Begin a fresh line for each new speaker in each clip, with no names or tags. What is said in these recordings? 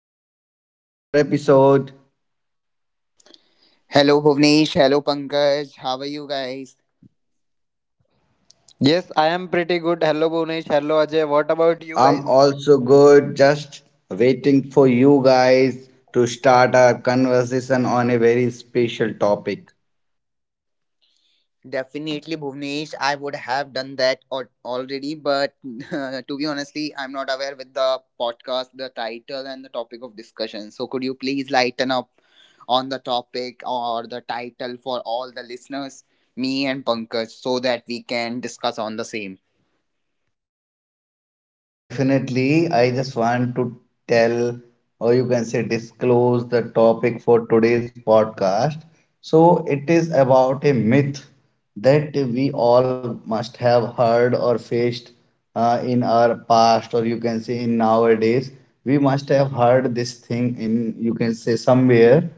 welcome back to another episode.
Hello Bhuvnesh, hello Pankaj, how are you guys?
Yes, I am pretty good. Hello, Bhunesh. Hello, Ajay. What about you guys?
I'm also good, just waiting for you guys to start our conversation on a very special topic.
Definitely Bhuvnesh, I would have done that already, but to be honestly, I'm not aware with the podcast, the title and the topic of discussion. So could you please lighten up on the topic or the title for all the listeners, me and Pankaj, so that we can discuss on the same?
Definitely, I just want to tell, or you can say disclose the topic for today's podcast. So, it is about a myth that we all must have heard or faced in our past, or you can say in nowadays. We must have heard this thing in, you can say, somewhere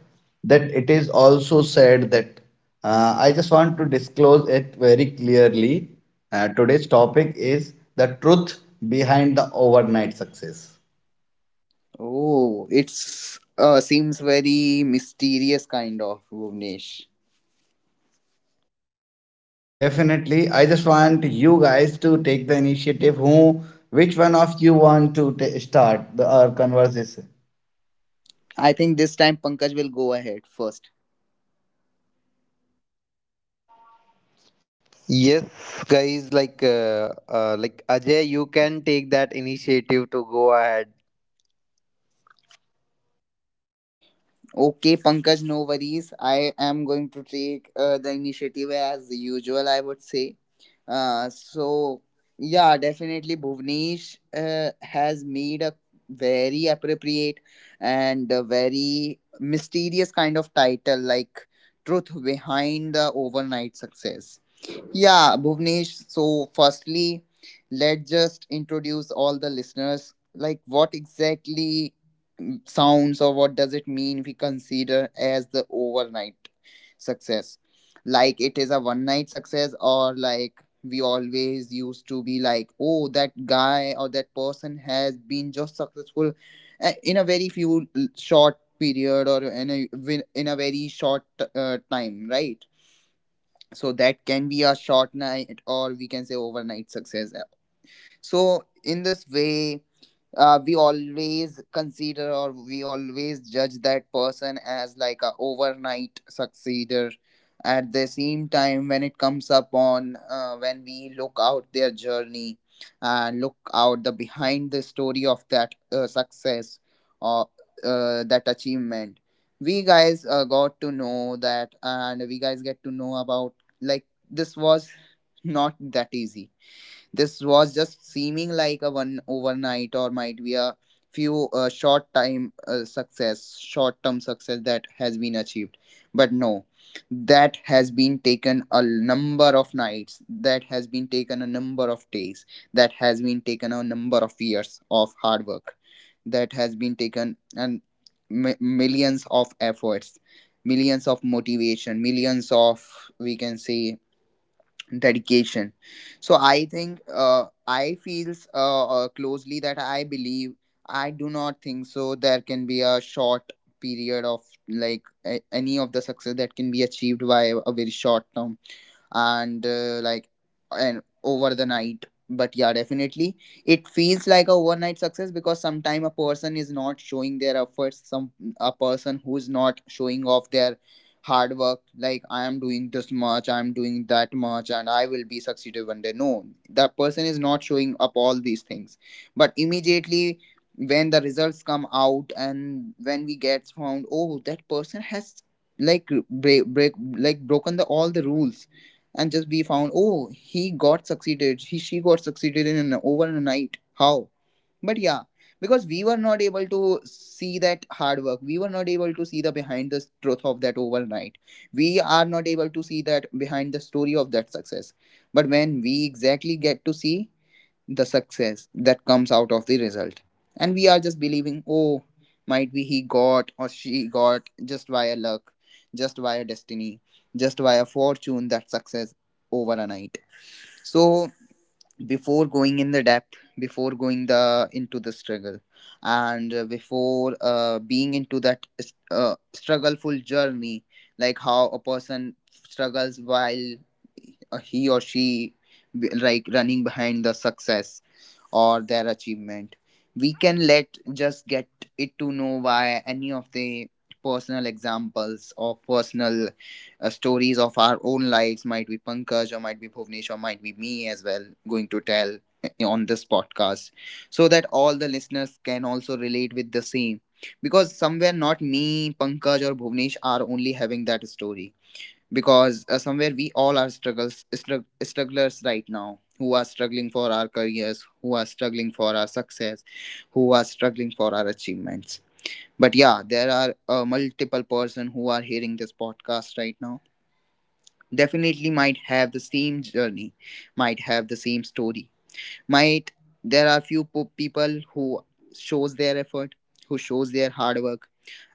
that it is also said that I just want to disclose it very clearly. Today's topic is the truth behind the overnight success.
Oh, it's seems very mysterious kind of Bhuvnesh.
Definitely, I just want you guys to take the initiative. Who, which one of you want to ta start the our conversation?
I think this time Pankaj will go ahead.
Yes, guys. Like, Ajay, you can take that initiative to go ahead.
Okay, Pankaj, no worries. I am going to take the initiative as usual, I would say. Uh, so, yeah, definitely Bhuvnesh has made a very appropriate and a very mysterious kind of title, like Truth Behind the Overnight Success. Yeah, Bhuvnesh. So, firstly, let's just introduce all the listeners. Like, what exactly sounds or what does it mean we consider as the overnight success? Like, it is a one night success, or like we always used to be like, oh, that guy or that person has been just successful in a very short period or in in a very short time, right? So that can be a short night or we can say overnight success. So in this way we always consider or we always judge that person as like a overnight succeeder. At the same time when it comes upon, on when we look out their journey and look out the behind the story of that success or that achievement, we guys got to know that, and we guys get to know about like this was not that easy. This was just seeming like a one overnight, or might be a few short time success, short term success that has been achieved. But no, that has been taken a number of nights, that has been taken a number of days, that has been taken a number of years of hard work, that has been taken, and millions of efforts, millions of motivation, millions of, we can say, dedication. So I think I feels closely that I believe I do not think so there can be a short period of like any of the success that can be achieved by a very short term and like and over the night. But yeah, definitely it feels like a overnight success because sometime a person is not showing their efforts. Some a person who's not showing off their hard work like I am doing this much, I am doing that much, and I will be succeeded one day. No, that person is not showing up all these things, but immediately when the results come out and when we get found, oh, that person has like break break like broken the all the rules and just be found, oh, he got succeeded, he she got succeeded in an overnight. How? But yeah, because we were not able to see that hard work, we were not able to see the behind the truth of that overnight, we are not able to see that behind the story of that success. But when we exactly get to see the success that comes out of the result. And we are just believing, oh, might be he got or she got just via luck, just via destiny, just via fortune that success over a night. So before going in the depth, before going the into the struggle, and before being into that struggleful journey, like how a person struggles while he or she like running behind the success or their achievement. We can let just get it to know why any of the personal examples or personal stories of our own lives, might be Pankaj or might be Bhuvnesh or might be me as well, going to tell on this podcast so that all the listeners can also relate with the same, because somewhere not me, Pankaj or Bhuvnesh are only having that story. Because somewhere we all are strugglers right now, who are struggling for our careers, who are struggling for our success, who are struggling for our achievements. But yeah, there are multiple person who are hearing this podcast right now, definitely might have the same journey, might have the same story, might. There are few people who shows their effort, who shows their hard work,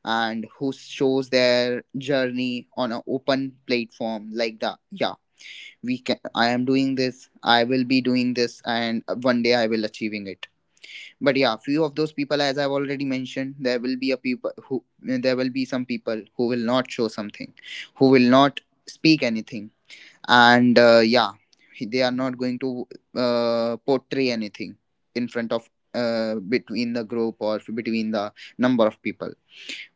and who shows their journey on an open platform like the yeah, we can, I am doing this, I will be doing this, and one day I will achieving it. But yeah, few of those people, as I've already mentioned, there will be a people who, there will be some people who will not show something, who will not speak anything, and yeah, they are not going to portray anything in front of between the group or between the number of people.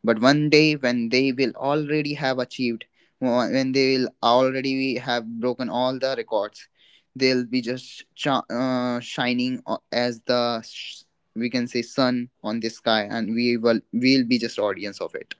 But one day, when they will already have achieved, when they will already have broken all the records, they'll be just shining as the we can say sun on the sky, and we'll be just audience of it.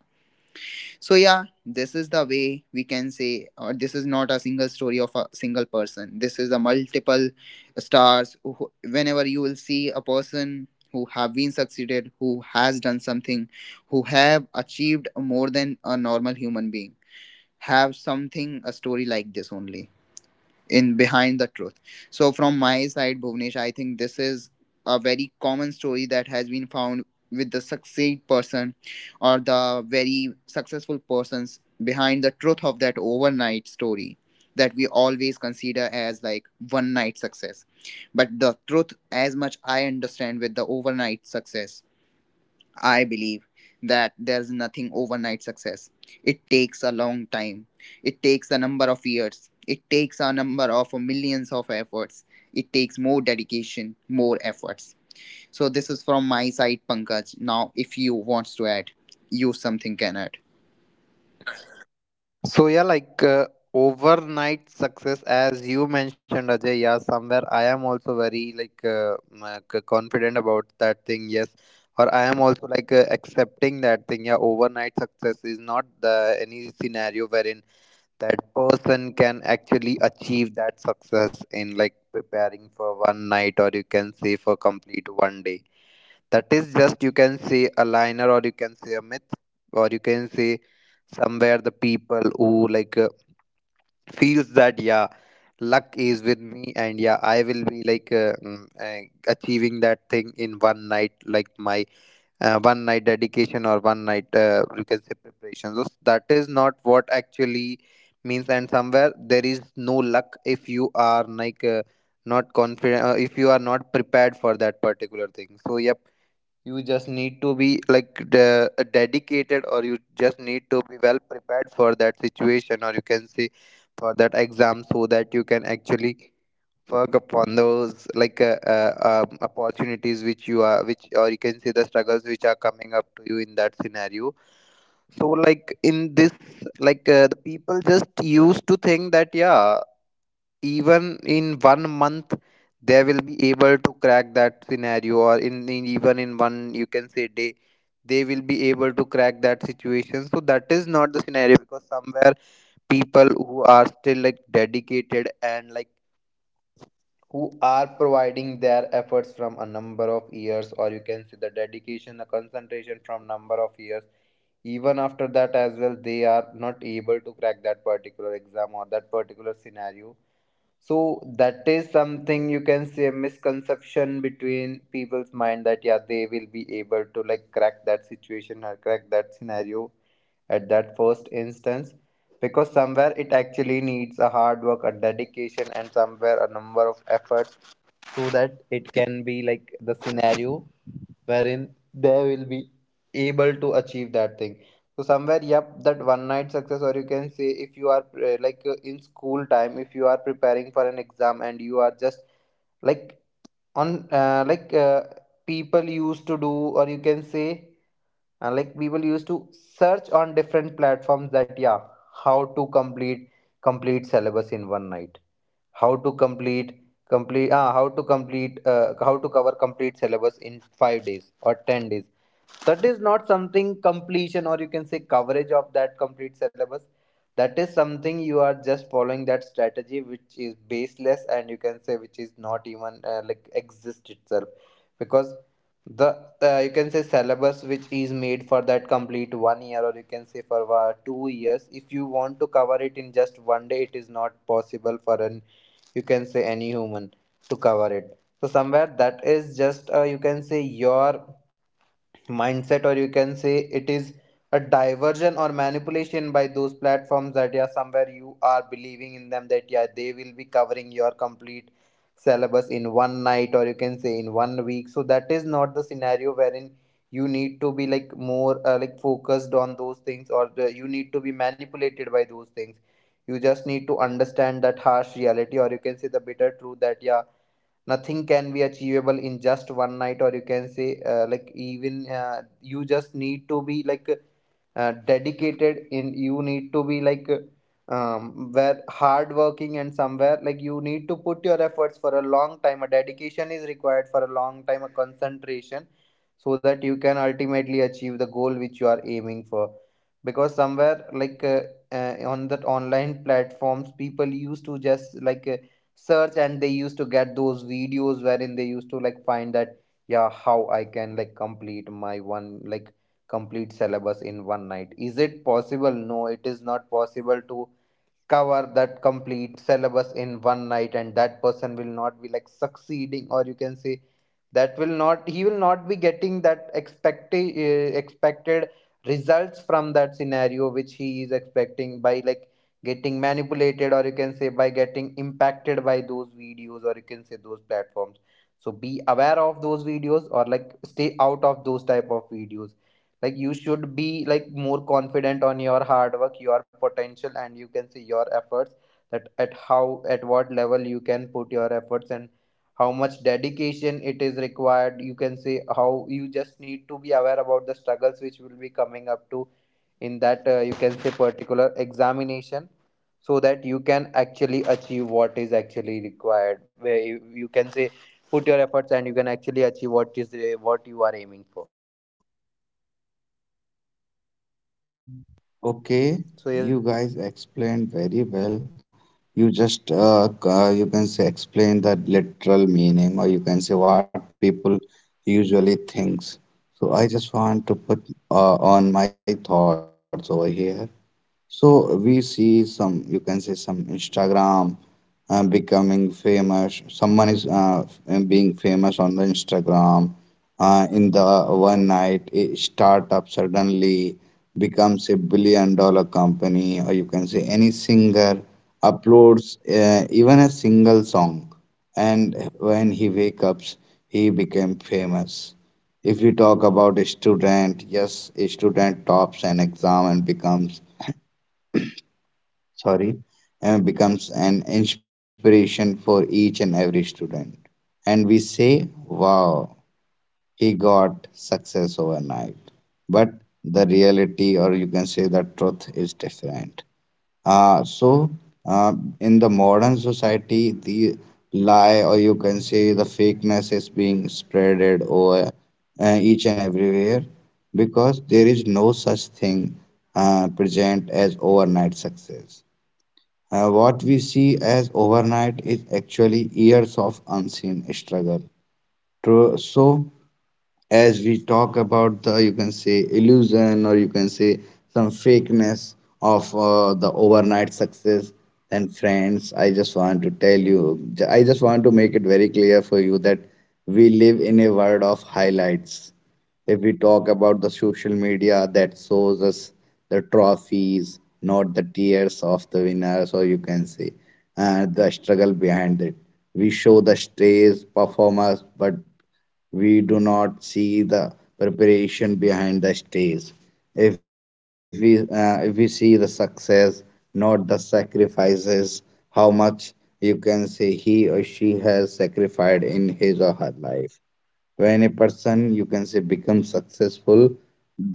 So yeah, this is the way we can say, or this is not a single story of a single person. This is a multiple stars. Whenever you will see a person who have been succeeded, who has done something, who have achieved more than a normal human being, have something a story like this only in behind the truth. So from my side, Bhuvnesh, I think this is a very common story that has been found with the succeed person or the very successful persons behind the truth of that overnight story that we always consider as like one night success. But the truth, as much I understand with the overnight success, I believe that there's nothing overnight success. It takes a long time. It takes a number of years. It takes a number of millions of efforts. It takes more dedication, more efforts. So this is from my side, Pankaj. Now, if you want to add, you something can add.
So yeah, overnight success, as you mentioned, Ajay. Yeah, somewhere I am also very confident about that thing. Yes, or I am also accepting that thing. Yeah, overnight success is not the any scenario wherein that person can actually achieve that success in like preparing for one night, or you can say for complete one day. That is just, you can say, a liner, or you can say a myth, or you can say somewhere the people who feels that yeah, luck is with me, and yeah, I will be uh, achieving that thing in one night, like my one night dedication or one night you can say preparation. So that is not what actually means, and somewhere there is no luck if you are not confident, if you are not prepared for that particular thing. So yep, you just need to be like dedicated, or you just need to be well prepared for that situation, or you can say for that exam, so that you can actually work upon those opportunities which you are which or you can say the struggles which are coming up to you in that scenario. So like in this, the people just used to think that yeah, even in one month they will be able to crack that scenario, or in even in one, you can say, day, they will be able to crack that situation. So that is not the scenario because somewhere people who are still like dedicated and like who are providing their efforts from a number of years, or you can see the dedication, the concentration, from number of years, even after that as well, they are not able to crack that particular exam or that particular scenario. So that is something you can say a misconception between people's mind, that yeah, they will be able to like crack that situation or crack that scenario at that first instance, because somewhere it actually needs a hard work, a dedication, and somewhere a number of efforts, so that it can be like the scenario wherein they will be able to achieve that thing. So somewhere yep, that one night success, or you can say, if you are in school time, if you are preparing for an exam, and you are just like on like people used to do, or you can say, like people used to search on different platforms that yeah, how to complete syllabus in one night, how to complete complete ah, how to complete how to cover complete syllabus in 5 days or 10 days. That is not something completion, or you can say, coverage of that complete syllabus. That is something you are just following that strategy which is baseless, and you can say which is not even like exist itself, because the you can say syllabus which is made for that complete one year, or you can say for 2 years, if you want to cover it in just one day, it is not possible for an you can say any human to cover it. So somewhere that is just you can say your mindset, or you can say it is a diversion or manipulation by those platforms, that yeah, somewhere you are believing in them that yeah, they will be covering your complete syllabus in one night, or you can say in one week. So that is not the scenario wherein you need to be like more like focused on those things, you need to be manipulated by those things. You just need to understand that harsh reality, or you can say the bitter truth, that yeah, nothing can be achievable in just one night, or you can say like even you just need to be like dedicated in You need to be where hardworking, and somewhere like, you need to put your efforts for a long time, a dedication is required for a long time, a concentration, so that you can ultimately achieve the goal which you are aiming for. Because somewhere on that online platforms, people used to just search, and they used to get those videos wherein they used to like find that yeah, how I can like complete my one like complete syllabus in one night. Is it possible? No, it is not possible to cover that complete syllabus in one night, and that person will not be like succeeding, or you can say, that will not he will not be getting that expected results from that scenario which he is expecting by like getting manipulated, or you can say by getting impacted by those videos, or you can say those platforms. So be aware of those videos, or like stay out of those type of videos. Like, you should be like more confident on your hard work, your potential, and you can see your efforts, that at what level you can put your efforts, and how much dedication it is required. You can say how you just need to be aware about the struggles which will be coming up to in that you can say particular examination, so that you can actually achieve what is actually required, where you can say put your efforts, and you can actually achieve what you are aiming for. So yes,
Okay,
Bhunesh, over to
you
you.
guys explained very well. You just you can say explain the literal meaning, or you can say what people usually thinks. So I just want to put on my thoughts over here. So we see some, you can say, some Instagram becoming famous. Someone is being famous on the Instagram. In the one night, a startup suddenly becomes a billion dollar company, or you can say any singer uploads even a single song, and when he wakes up, he became famous. If we talk about a student, yes, a student tops an exam and becomes, sorry, and becomes an inspiration for each and every student. And we say, wow, he got success overnight. But the reality, or you can say the truth, is different. Uh, so, uh, in the modern society, the lie, or you can say the fakeness, is being spreaded over each and everywhere, because there is no such thing present as overnight success. What we see as overnight is actually years of unseen struggle. True. So as we talk about the, you can say, illusion, or you can say some fakeness of the overnight success, then friends, I just want to tell you, I just want to make it very clear for you that we live in a world of highlights. If we talk about the social media, that shows us the trophies, not the tears of the winners, or you can say and the struggle behind it. We show the stage performers, but we do not see the preparation behind the stage. If we see the success, not the sacrifices, how much, you can say, he or she has sacrificed in his or her life. When a person, you can say, becomes successful,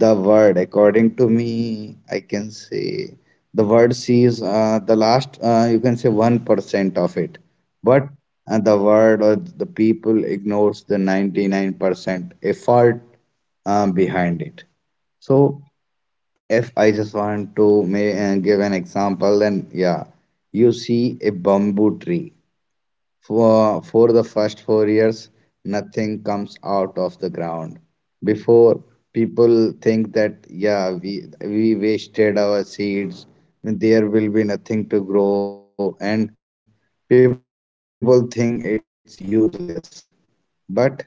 the word, according to me, I can say the word sees the last, you can say, 1% of it, but the word or the people ignores the 99% effort behind it. So if I just want to give an example, then yeah, you see a bamboo tree. For the first 4 years, nothing comes out of the ground. Before people think that, yeah, we wasted our seeds, there will be nothing to grow, and people think it's useless. But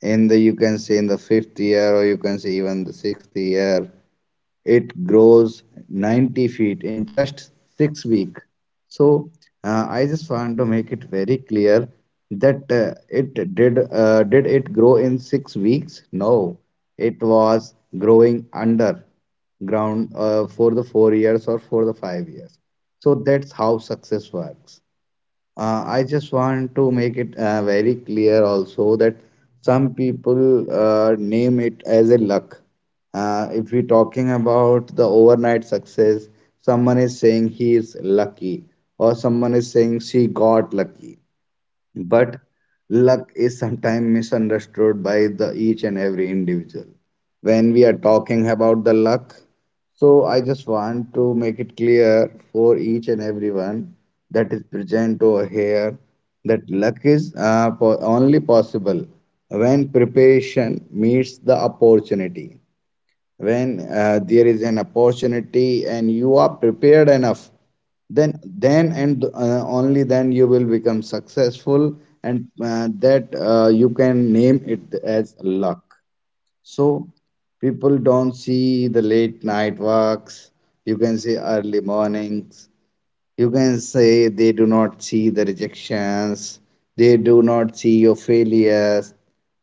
in the, you can say, in the fifth year, or you can say even the sixth year, it grows 90 feet in just 6 weeks. So I just want to make it very clear that it did it grow in 6 weeks? No, it was growing under ground for the 4 years or for the 5 years. So that's how success works. I just want to make it very clear also that some people name it as a luck. If we're talking about the overnight success, someone is saying he is lucky, or someone is saying she got lucky. But luck is sometimes misunderstood by the each and every individual. When we are talking about the luck, so I just want to make it clear for each and everyone that is present over here, that luck is only possible when preparation meets the opportunity. When there is an opportunity and you are prepared enough, then and only then you will become successful, and that you can name it as luck. So people don't see the late night works; you can see early mornings. You can say they do not see the rejections, they do not see your failures,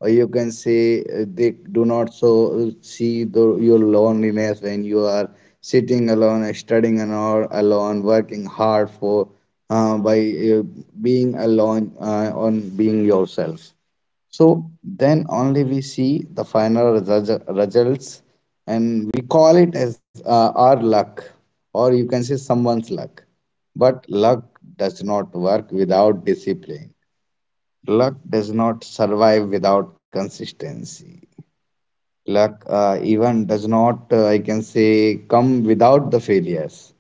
or you can say they do not so see the, your loneliness when you are sitting alone, studying alone, alone, working hard for by uh, being alone, on being yourself. So then only we see the results, and we call it as our luck, or you can say someone's luck. But luck does not work without discipline. Luck does not survive without consistency. Luck even does not, I can say, come without the failures.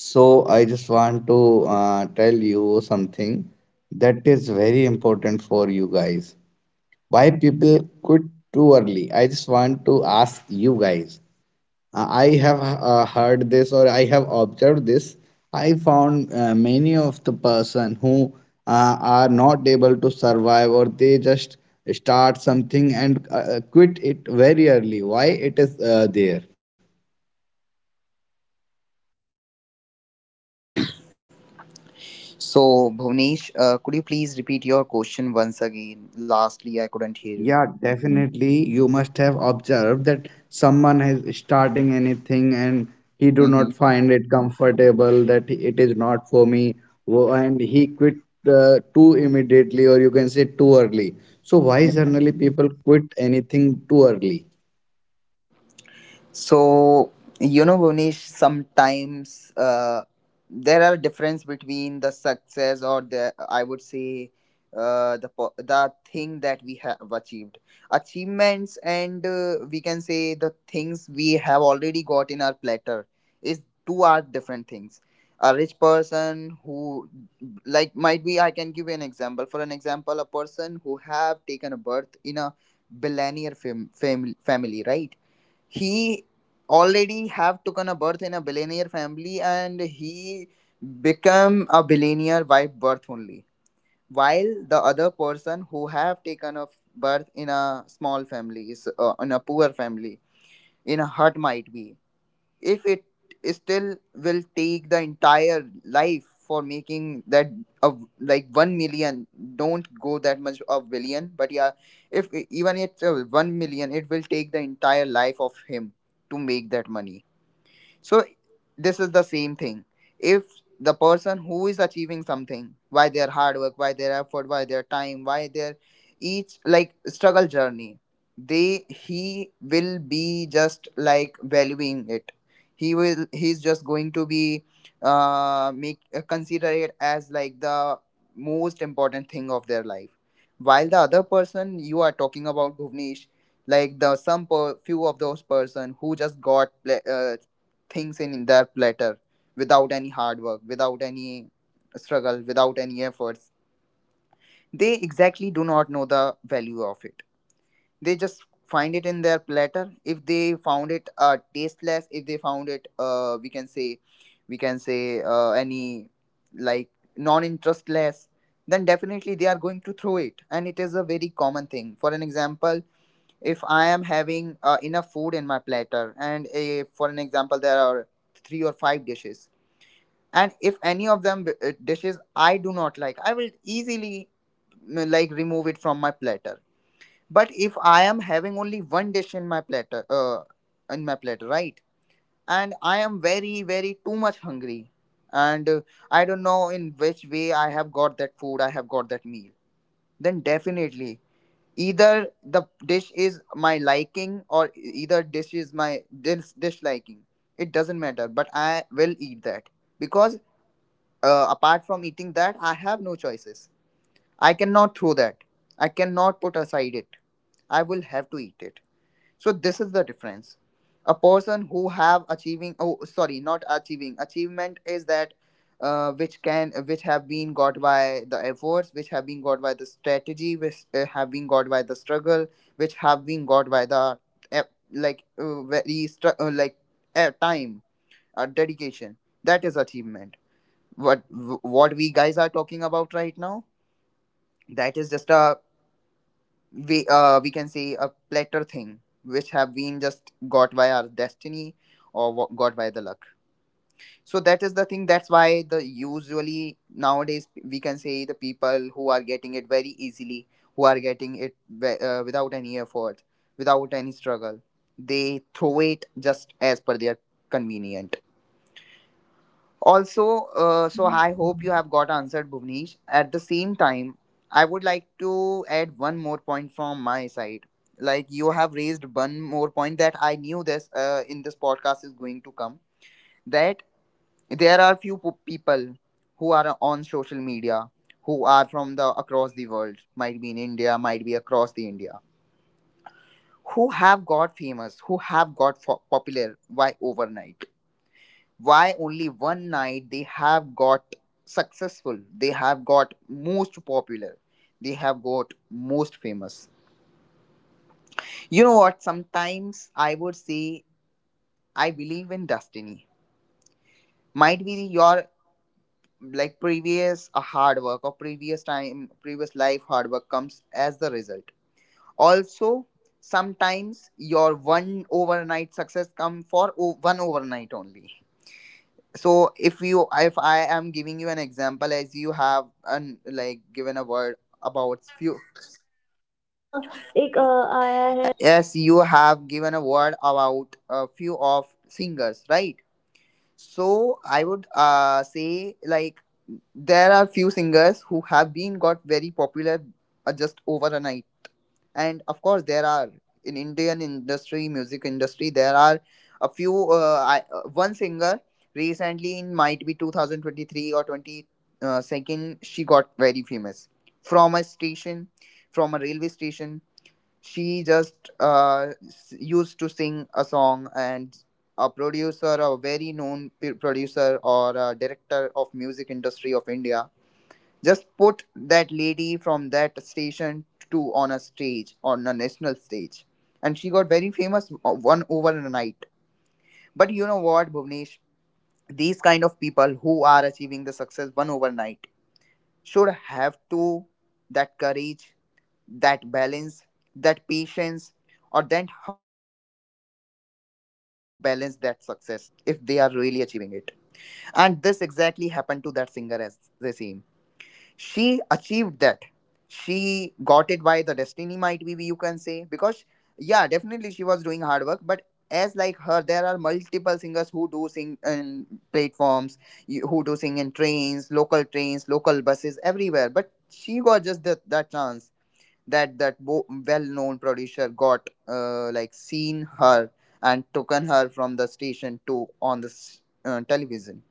So I just want to tell you something that is very important for you guys. Why people quit too early? I just want to ask you guys. I have heard this, or I have observed this. I found many of the person who are not able to survive, or they just start something and quit it very early. Why it is there?
So Bhuvnesh, could you please repeat your question once again? Lastly, I couldn't hear you.
Yeah, definitely. You must have observed that someone is starting anything and he do not
Mm-hmm.
find it comfortable, that it is not for me, and he quit too immediately, or you can say too early. So why generally people quit anything too early?
So, you know, Bonish, sometimes there are difference between the success or the, I would say, the thing that we have achieved, achievements, and we can say the things we have already got in our platter is two are different things. A rich person who like might be, I can give you an example. For an example, a person who have taken a birth in a billionaire family, right? He already have taken a birth in a billionaire family, and he become a billionaire by birth only. While the other person who have taken a birth in a small family is in a poor family in a hut might be, if it still will take the entire life for making that of like 1 million, don't go that much of billion. But yeah, if even it's a 1 million, it will take the entire life of him to make that money. So this is the same thing. If the person who is achieving something by their hard work, by their effort, by their time, by their each like struggle journey, they he will be just like valuing it. He's just going to be make consider it as like the most important thing of their life. While the other person you are talking about, Bhuvnesh, like the few of those person who just got things in their platter without any hard work, without any struggle, without any efforts. They exactly do not know the value of it. They just find it in their platter. If they found it tasteless, if they found it, we can say any like non-interestless, then definitely they are going to throw it, and it is a very common thing. For an example, if I am having enough food in my platter, and for an example, there are three or five dishes, and if any of them dishes I do not like, I will easily like remove it from my platter. But if I am having only one dish in my platter right, and I am very too much hungry, and I don't know in which way I have got that food, I have got that meal, then definitely either the dish is my liking, or either dish is my disliking. It doesn't matter, but I will eat that, because apart from eating that, I have no choices. I cannot throw that. I cannot put aside it. I will have to eat it. So this is the difference. A person who have achieving, oh sorry, not achieving, achievement is that which can, which have been got by the efforts, which have been got by the strategy, which have been got by the struggle, which have been got by the eh, like very like time, dedication. That is achievement. What what we guys are talking about right now, that is just a, we can say, a platter thing which have been just got by our destiny, or what got by the luck. So that is the thing. That's why the usually nowadays we can say the people who are getting it very easily, who are getting it without any effort, without any struggle, they throw it just as per their convenient. Also, so I hope you have got answered, Bhuvnesh. At the same time, I would like to add one more point from my side. Like you have raised one more point that I knew this in this podcast is going to come. That there are people who are on social media, who are from the across the world, might be in India, might be across the India, who have got famous, who have got popular by overnight. Why only one night they have got successful, they have got most popular, they have got most famous. You know what, sometimes I would say I believe in destiny. Might be your like previous hard work, or previous time, previous life hard work comes as the result also. Sometimes your one overnight success come for one overnight only. So if you if I am giving you an example, as you have an like given a word about few.
Yeah, एक अ, आया है।
Yes, you have given a word about a few of singers, right? So I would say, like, there are few singers who have been got very popular, just overnight. And of course there are, in Indian industry, music industry, there are a few one singer recently in, might be 2023 or 20, second, she got very famous. From a station, from a railway station, she just used to sing a song. And a producer, a very known producer, or a director of music industry of India, just put that lady from that station to on a stage, on a national stage. And she got very famous one overnight. But you know what, Bhuvnesh? These kind of people who are achieving the success one overnight should have to that courage, that balance, that patience, or that humbleness to balance that success, if they are really achieving it. And this exactly happened to that singer as the same. She achieved that, she got it by the destiny, might be, you can say, because yeah, definitely she was doing hard work, but as like her there are multiple singers who do sing in platforms, who do sing in trains, local trains, local buses, everywhere, but she got just that, that chance, that that well-known producer got like seen her and taken her from the station to on the television.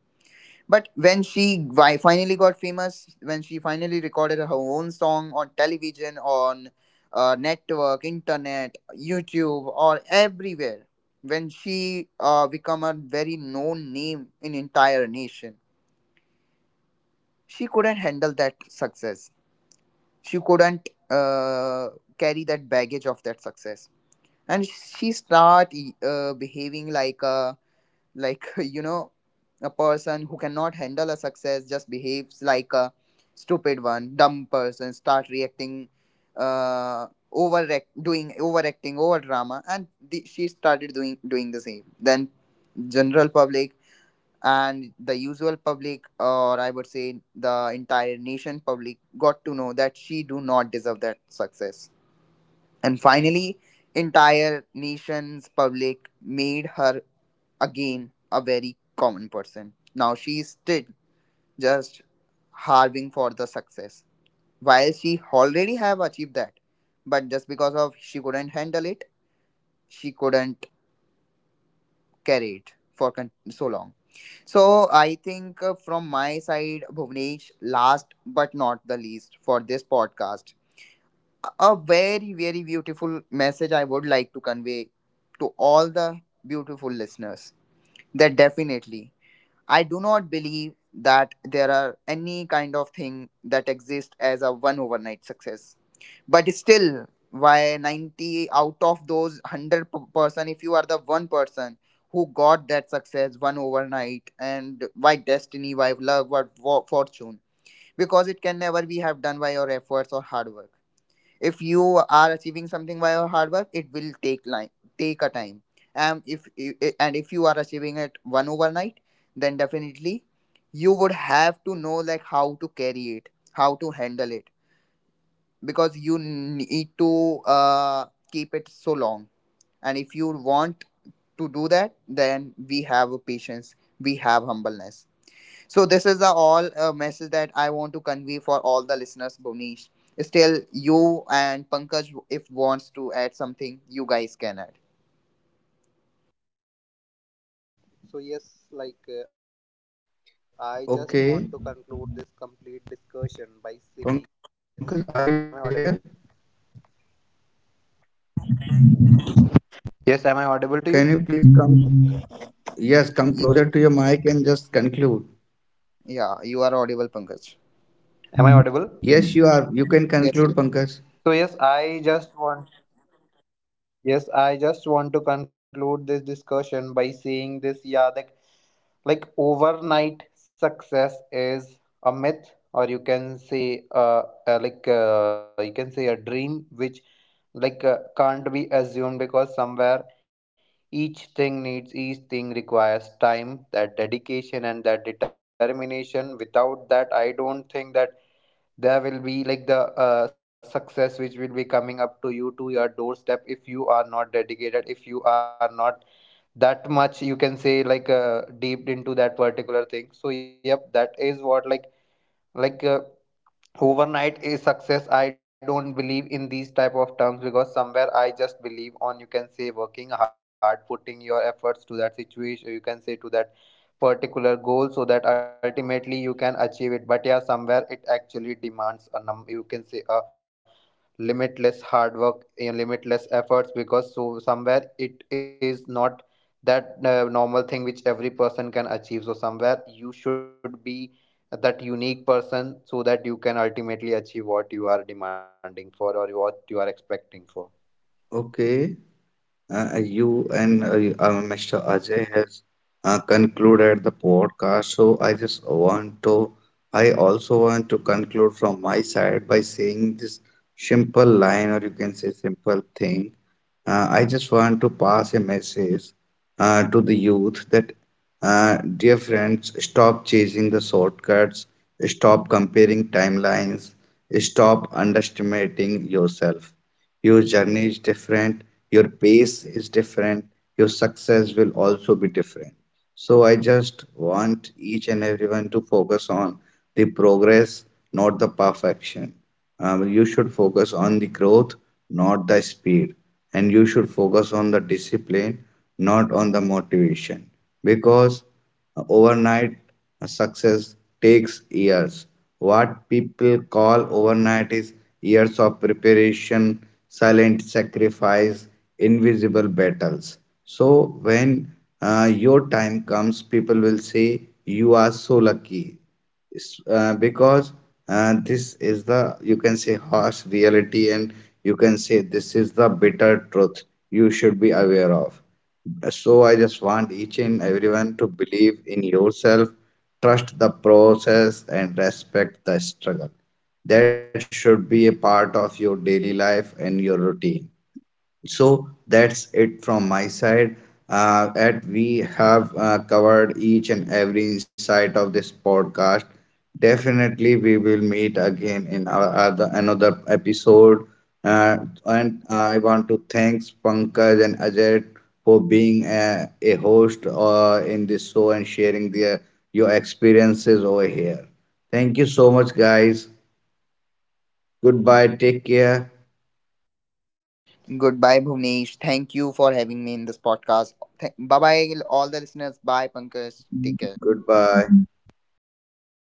But when she finally got famous, when she finally recorded her own song on television, on network, internet, YouTube, or everywhere, when she become a very known name in entire nation, she couldn't handle that success. She couldn't carry that baggage of that success, and she start behaving like a, like, you know, a person who cannot handle a success just behaves like a stupid one, dumb person, start reacting, uh overact, doing overacting, over drama, and the, she started doing the same. Then general public and the usual public, or I would say the entire nation public, got to know that she do not deserve that success. And finally entire nation's public made her again a very common person. Now she is still just harving for the success. While she already have achieved that, but just because of she couldn't handle it, she couldn't carry it for so long. So I think from my side, Bhuvnesh, last but not the least for this podcast, a very very beautiful message I would like to convey to all the beautiful listeners. That definitely I do not believe that there are any kind of thing that exists as a one overnight success. But still, why 90 out of those 100 person, if you are the one person who got that success one overnight, and why destiny, why love, why fortune? Because it can never be have done by your efforts or hard work. If you are achieving something by your hard work, it will take line, take a time. And if and if you are achieving it one overnight, then definitely you would have to know like how to carry it, how to handle it. Because you need to uh, keep it so long. And if you want to do that, then we have patience, we have humbleness. So this is the all message that I want to convey for all the listeners, Bonish. Still, you and Pankaj, if wants to add something, you guys can add.
So yes, I just want to conclude this complete
Okay,
discussion by saying,
Pankaj,
yes,
are you
am I
there?
audible? Yes, am I
Can
audible
you
to
please
you?
come? Yes, come closer to your mic and just
Y-
conclude.
Yeah, you are audible,
Am I
Pankaj.
audible?
Yes, you are. You can
So
conclude,
yes,
Pankaj.
Yes, you.
I just want yes, I just want to conclude this discussion by saying this. Yeah, the like overnight success is a myth, or you can say you can say a dream which can't be assumed, because somewhere each thing requires time, that dedication and that determination. Without that, I don't think that there will be like the success which will be coming up to you, to your doorstep, if you are not dedicated, if you are not that much, you can say, deep into that particular thing. So yep, that is what like like uh, overnight is success. I don't believe in these type of terms, because somewhere I just believe on, you can say, working hard, putting your efforts to that situation, you can say, to that particular goal, so that ultimately you can achieve it. But yeah, somewhere it actually demands a num you can say a limitless hard work, limitless efforts, because so somewhere it is not that normal thing which every person can achieve. So somewhere you should be that unique person, so that you can ultimately achieve what you are demanding for, or what you are expecting for.
Okay. You and Mr. Ajay has concluded the podcast, so I just want to, I also want to conclude from my side by saying this simple line, or you can say simple thing. I just want to pass a message to the youth that, dear friends, stop chasing the shortcuts, stop comparing timelines, stop underestimating yourself. Your journey is different, your pace is different, your success will also be different. So I just want each and everyone to focus on the progress, not the perfection. You should focus on the growth, not the speed. And you should focus on the discipline, not on the motivation. Because overnight success takes years. What people call overnight is years of preparation, silent sacrifice, invisible battles. So when your time comes, people will say, "You are so lucky," because this is the, you can say, harsh reality, and you can say this is the bitter truth you should be aware of. So I just want each and everyone to believe in yourself, trust the process, and respect the struggle. That should be a part of your daily life and your routine. So that's it from my side. And we have covered each and every insight of this podcast. Definitely, we will meet again in our another episode. Uh, and I want to thank Pankaj and Ajay for being a host in this show and sharing their your experiences over here. Thank you so much, guys. Goodbye. Take care.
Goodbye, Bhuvnesh. Thank you for having me
Goodbye.
in this podcast. Bye bye, all the listeners. Bye, Pankaj. Take care.
Goodbye.